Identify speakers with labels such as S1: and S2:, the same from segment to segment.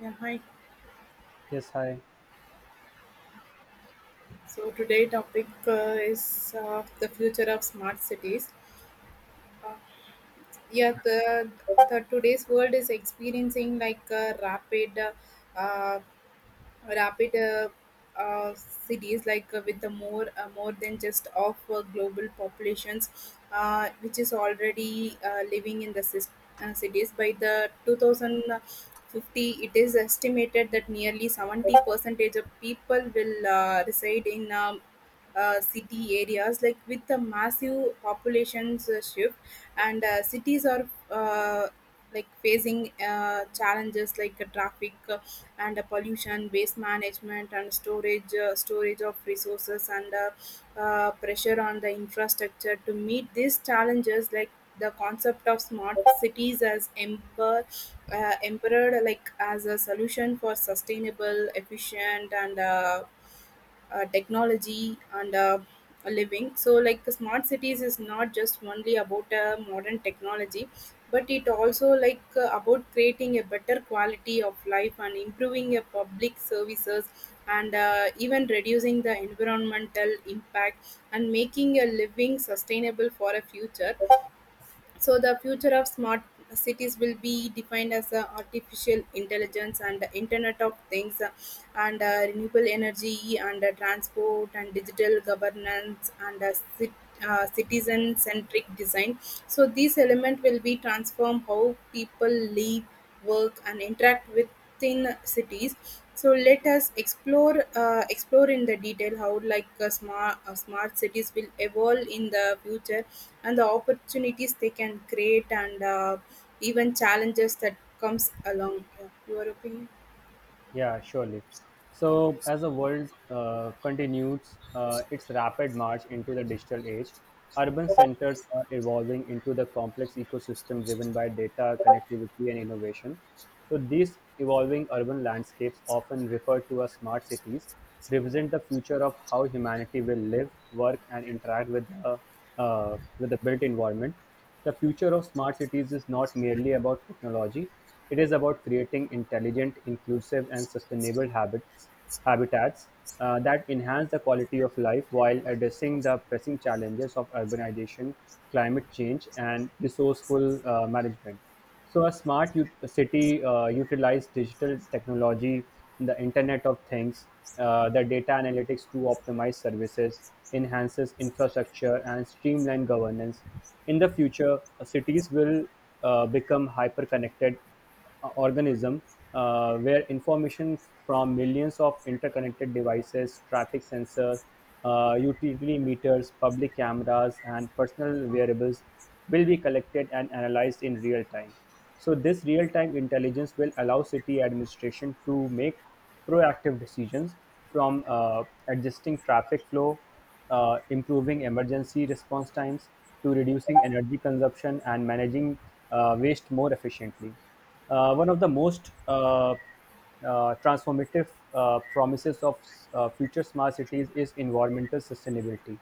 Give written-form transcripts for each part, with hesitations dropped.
S1: Yeah, hi.
S2: Yes, hi.
S1: So today topic is the future of smart cities. Uh, yeah, the today's world is experiencing like a rapid uh, rapid cities like with the more more than just of global populations which is already living in the cities by the 2050 it is estimated that nearly 70 percentage of people will reside in city areas like with the massive populations shift and cities are like facing challenges like traffic and pollution, waste management, and storage storage of resources, and pressure on the infrastructure to meet these challenges, like the concept of smart cities as emperor, emperor like as a solution for sustainable, efficient, and technology and a living so like the smart cities is not just only about modern technology but it also like about creating a better quality of life and improving a public services and even reducing the environmental impact and making a living sustainable for a future so the future of smart cities will be defined as artificial intelligence and the Internet of Things and renewable energy and transport and digital governance and cit- citizen-centric design. So these elements will be transform how people live work, and interact within cities. So let us explore explore in the detail how like smart smart cities will evolve in the future, and the opportunities they can create, and even challenges that comes along. Yeah, your opinion?
S2: Yeah, surely. So, as the world continues its rapid march into the digital age, urban centers are evolving into the complex ecosystem driven by data, connectivity, and innovation. So, these evolving urban landscapes, often referred to as smart cities, represent the future of how humanity will live, work, and interact with the built environment. The future of smart cities is not merely about technology, it is about creating intelligent, inclusive, and sustainable habitats that enhance the quality of life while addressing the pressing challenges of urbanization, climate change, and resourceful management. So a city utilizes digital technology, the Internet of Things, the data analytics to optimize services, enhances infrastructure, and streamline governance. In the future, cities will become hyper-connected, organism where information from millions of interconnected devices, traffic sensors, utility meters, public cameras, and personal wearables will be collected and analyzed in real time. So, this real time intelligence will allow city administration to make proactive decisions from adjusting traffic flow, improving emergency response times to reducing energy consumption and managing waste more efficiently. One of the most transformative promises of future smart cities is environmental sustainability.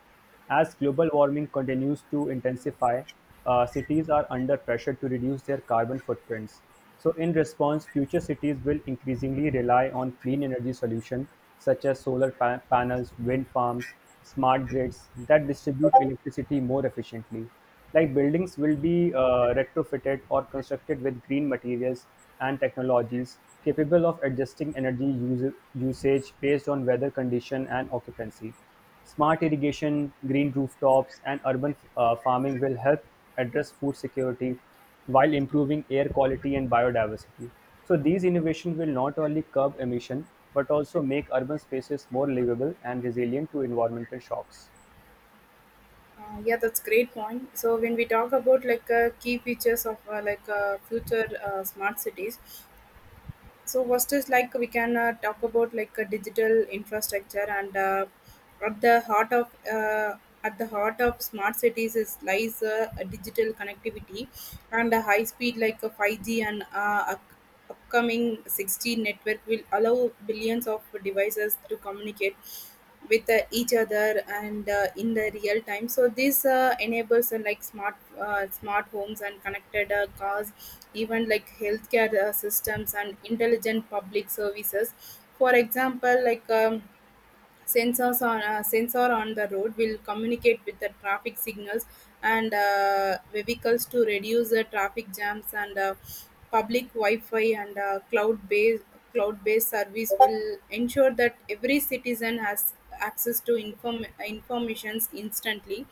S2: As global warming continues to intensify, cities are under pressure to reduce their carbon footprints. So, in response, future cities will increasingly rely on clean energy solutions such as panels, wind farms, smart grids that distribute electricity more efficiently. Like buildings will be retrofitted or constructed with green materials and technologies capable of adjusting usage based on weather condition and occupancy. Smart irrigation, green rooftops, and urban farming will help address food security while improving air quality and biodiversity. So these innovations will not only curb emission but also make urban spaces more livable and resilient to environmental shocks.
S1: Yeah, that's great point. So when we talk about like key features of like future smart cities, so first is like we can talk about like a digital infrastructure and at the heart of uh, at the heart of smart cities is lies a digital connectivity and a high speed like a 5G and upcoming 6G network will allow billions of devices to communicate with each other and in the real time so this enables like smart smart homes and connected cars even like healthcare systems and intelligent public services for example like sensor on the road will communicate with the traffic signals and vehicles to reduce the traffic jams and public wi-fi and cloud-based service will ensure that every citizen has access to informations instantly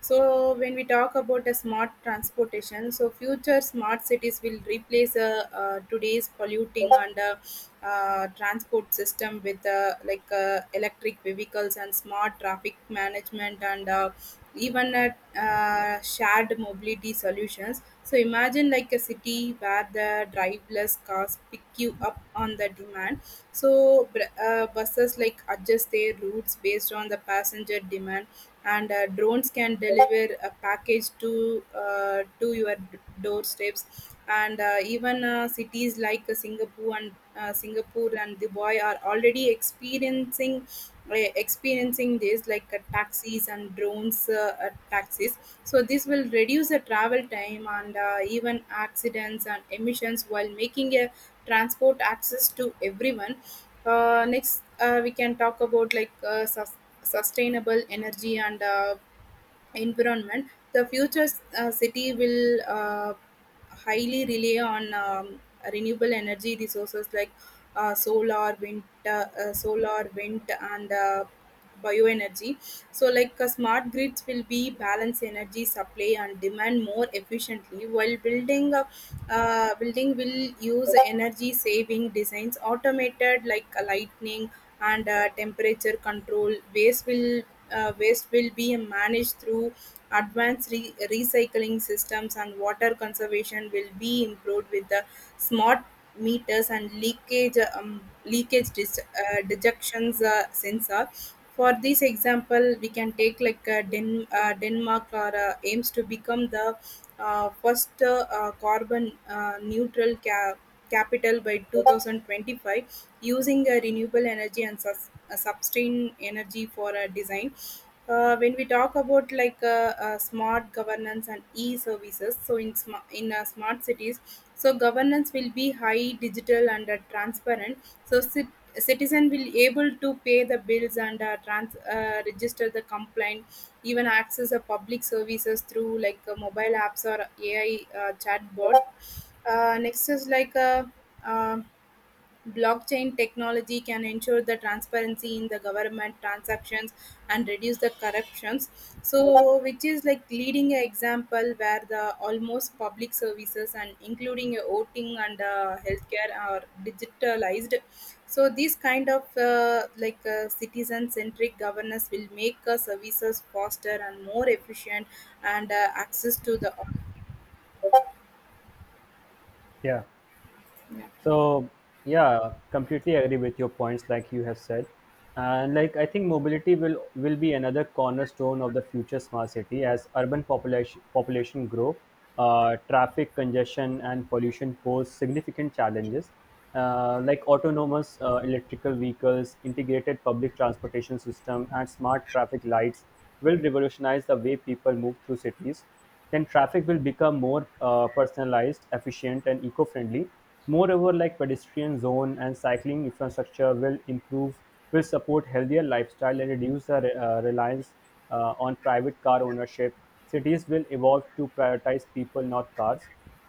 S1: so when we talk about a smart transportation, so future smart cities will replace today's polluting and transport system with like electric vehicles and smart traffic management and even shared mobility solutions. So imagine like a city where the driverless cars pick you up on the demand. So buses like adjust their routes based on the passenger demand and drones can deliver a package to your doorsteps and even cities like Singapore and Dubai are already experiencing uh, experiencing this like taxis and drones taxis so this will reduce the travel time and even accidents and emissions while making a transport access to everyone. Next, we can talk about like sustainable energy and environment, the future city will highly rely on renewable energy resources like solar, wind, and bioenergy. So, like smart grids will be balance energy supply and demand more efficiently, while building building will use energy saving designs automated like lighting and temperature control waste will be managed through advanced recycling systems and water conservation will be improved with the smart meters and leakage leakage dejections sensor. For this example, we can take like Denmark or aims to become the first carbon neutral capital by 2025 using renewable energy and sustain energy for design. When we talk about like smart governance and e-services so in smart cities so governance will be high digital and transparent so citizen will able to pay the bills and register the complaint even access the public services through like mobile apps or AI chatbot. Uh, next is like uh, um Blockchain technology can ensure the transparency in the government transactions and reduce the corruptions. So, which is like leading an example where the almost public services and including a voting and healthcare are digitalized. So, this kind of like citizen-centric governance will make services faster and more efficient and access to the
S2: Yeah. So yeah, completely agree with your points, like you have said, and like I think mobility will be another cornerstone of the future smart city as urban population grow, traffic congestion and pollution pose significant challenges. Like autonomous electrical vehicles, integrated public transportation system, and smart traffic lights will revolutionize the way people move through cities, then traffic will become more personalized, efficient, and eco-friendly. Moreover, like pedestrian zone and cycling infrastructure will improve, will support healthier lifestyle and reduce the reliance on private car ownership. Cities will evolve to prioritize people, not cars.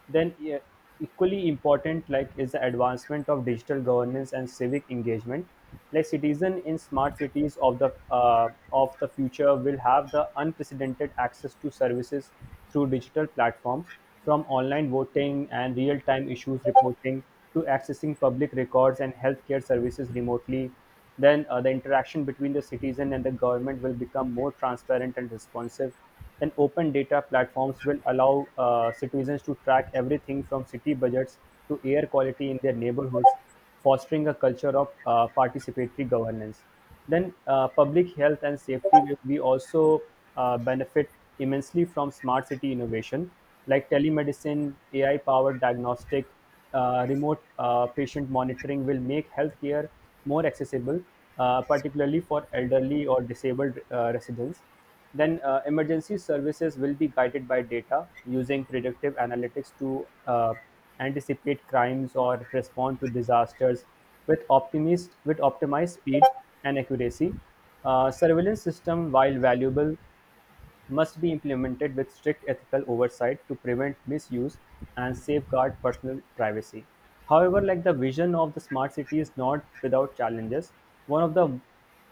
S2: Then, equally important, like is the advancement of digital governance and civic engagement. Like citizen in smart cities of the future will have the unprecedented access to services through digital platforms, from online voting and real-time issues reporting to accessing public records and healthcare services remotely. Then the interaction between the citizen and the government will become more transparent and responsive. Then open data platforms will allow citizens to track everything from city budgets to air quality in their neighborhoods, fostering a culture of participatory governance. Then public health and safety will we also benefit immensely from smart city innovation like telemedicine, AI powered diagnostic, remote patient monitoring will make healthcare more accessible, particularly for elderly or disabled residents. Then, emergency services will be guided by data using predictive analytics to anticipate crimes or respond to disasters with optimist with optimized speed and accuracy. Surveillance system, while valuable, must be implemented with strict ethical oversight to prevent misuse and safeguard personal privacy. However, like the vision of the smart city is not without challenges. One of the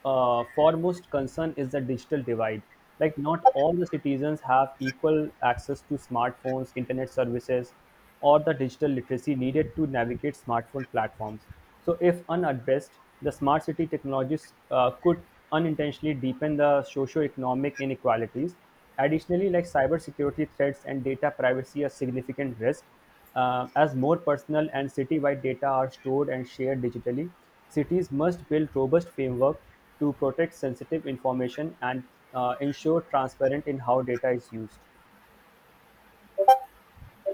S2: foremost concern is the digital divide. Like not all the citizens have equal access to smartphones, internet services, or the digital literacy needed to navigate smartphone platforms. So, if unaddressed, the smart city technologies could unintentionally deepen the socio-economic inequalities. Additionally, like cybersecurity threats and data privacy are significant risks. As more personal and city-wide data are stored and shared digitally, cities must build robust framework to protect sensitive information and ensure transparent in how data is used.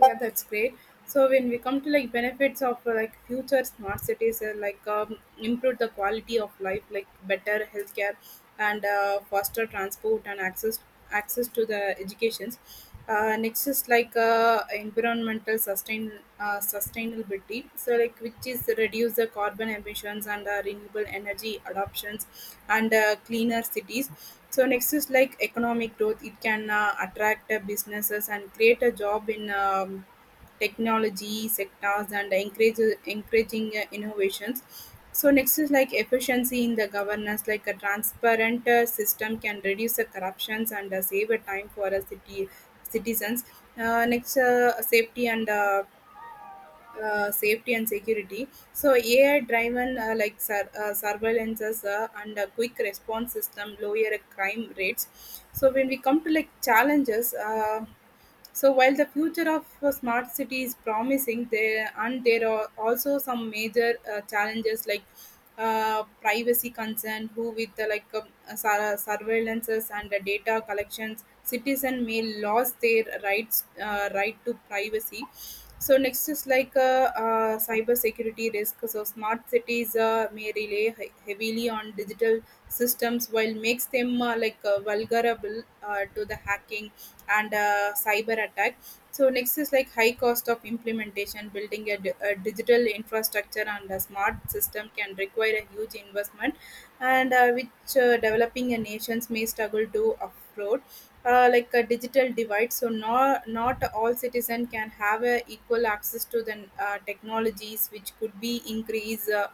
S1: yeah that's great so when we come to like benefits of like future smart cities like improve the quality of life like better healthcare and faster transport and access to the educations. Uh, next is like uh, environmental sustainability so like which is reduce the carbon emissions and renewable energy adoptions and cleaner cities so next is like economic growth. It can attract businesses and create a job in technology sectors and encourage encouraging innovations. So next is like efficiency in the governance. Like a transparent system can reduce the corruptions and save a time for a city citizens. Next, Safety and safety and security. So AI-driven like surveillances and a quick response system lower crime rates. So when we come to like challenges, so while the future of a smart city is promising, there are also some major challenges like privacy concern who with the like surveillances and the data collections citizen may lose their right to privacy so next is like cyber security risk so smart cities may rely heavily on digital systems while makes them like vulnerable to the hacking and cyber attack so next is like high cost of implementation. Building a digital infrastructure and a smart system can require a huge investment, and which developing nations may struggle to afford. Like a digital divide, so not all citizen can have a equal access to the technologies, which could be increase.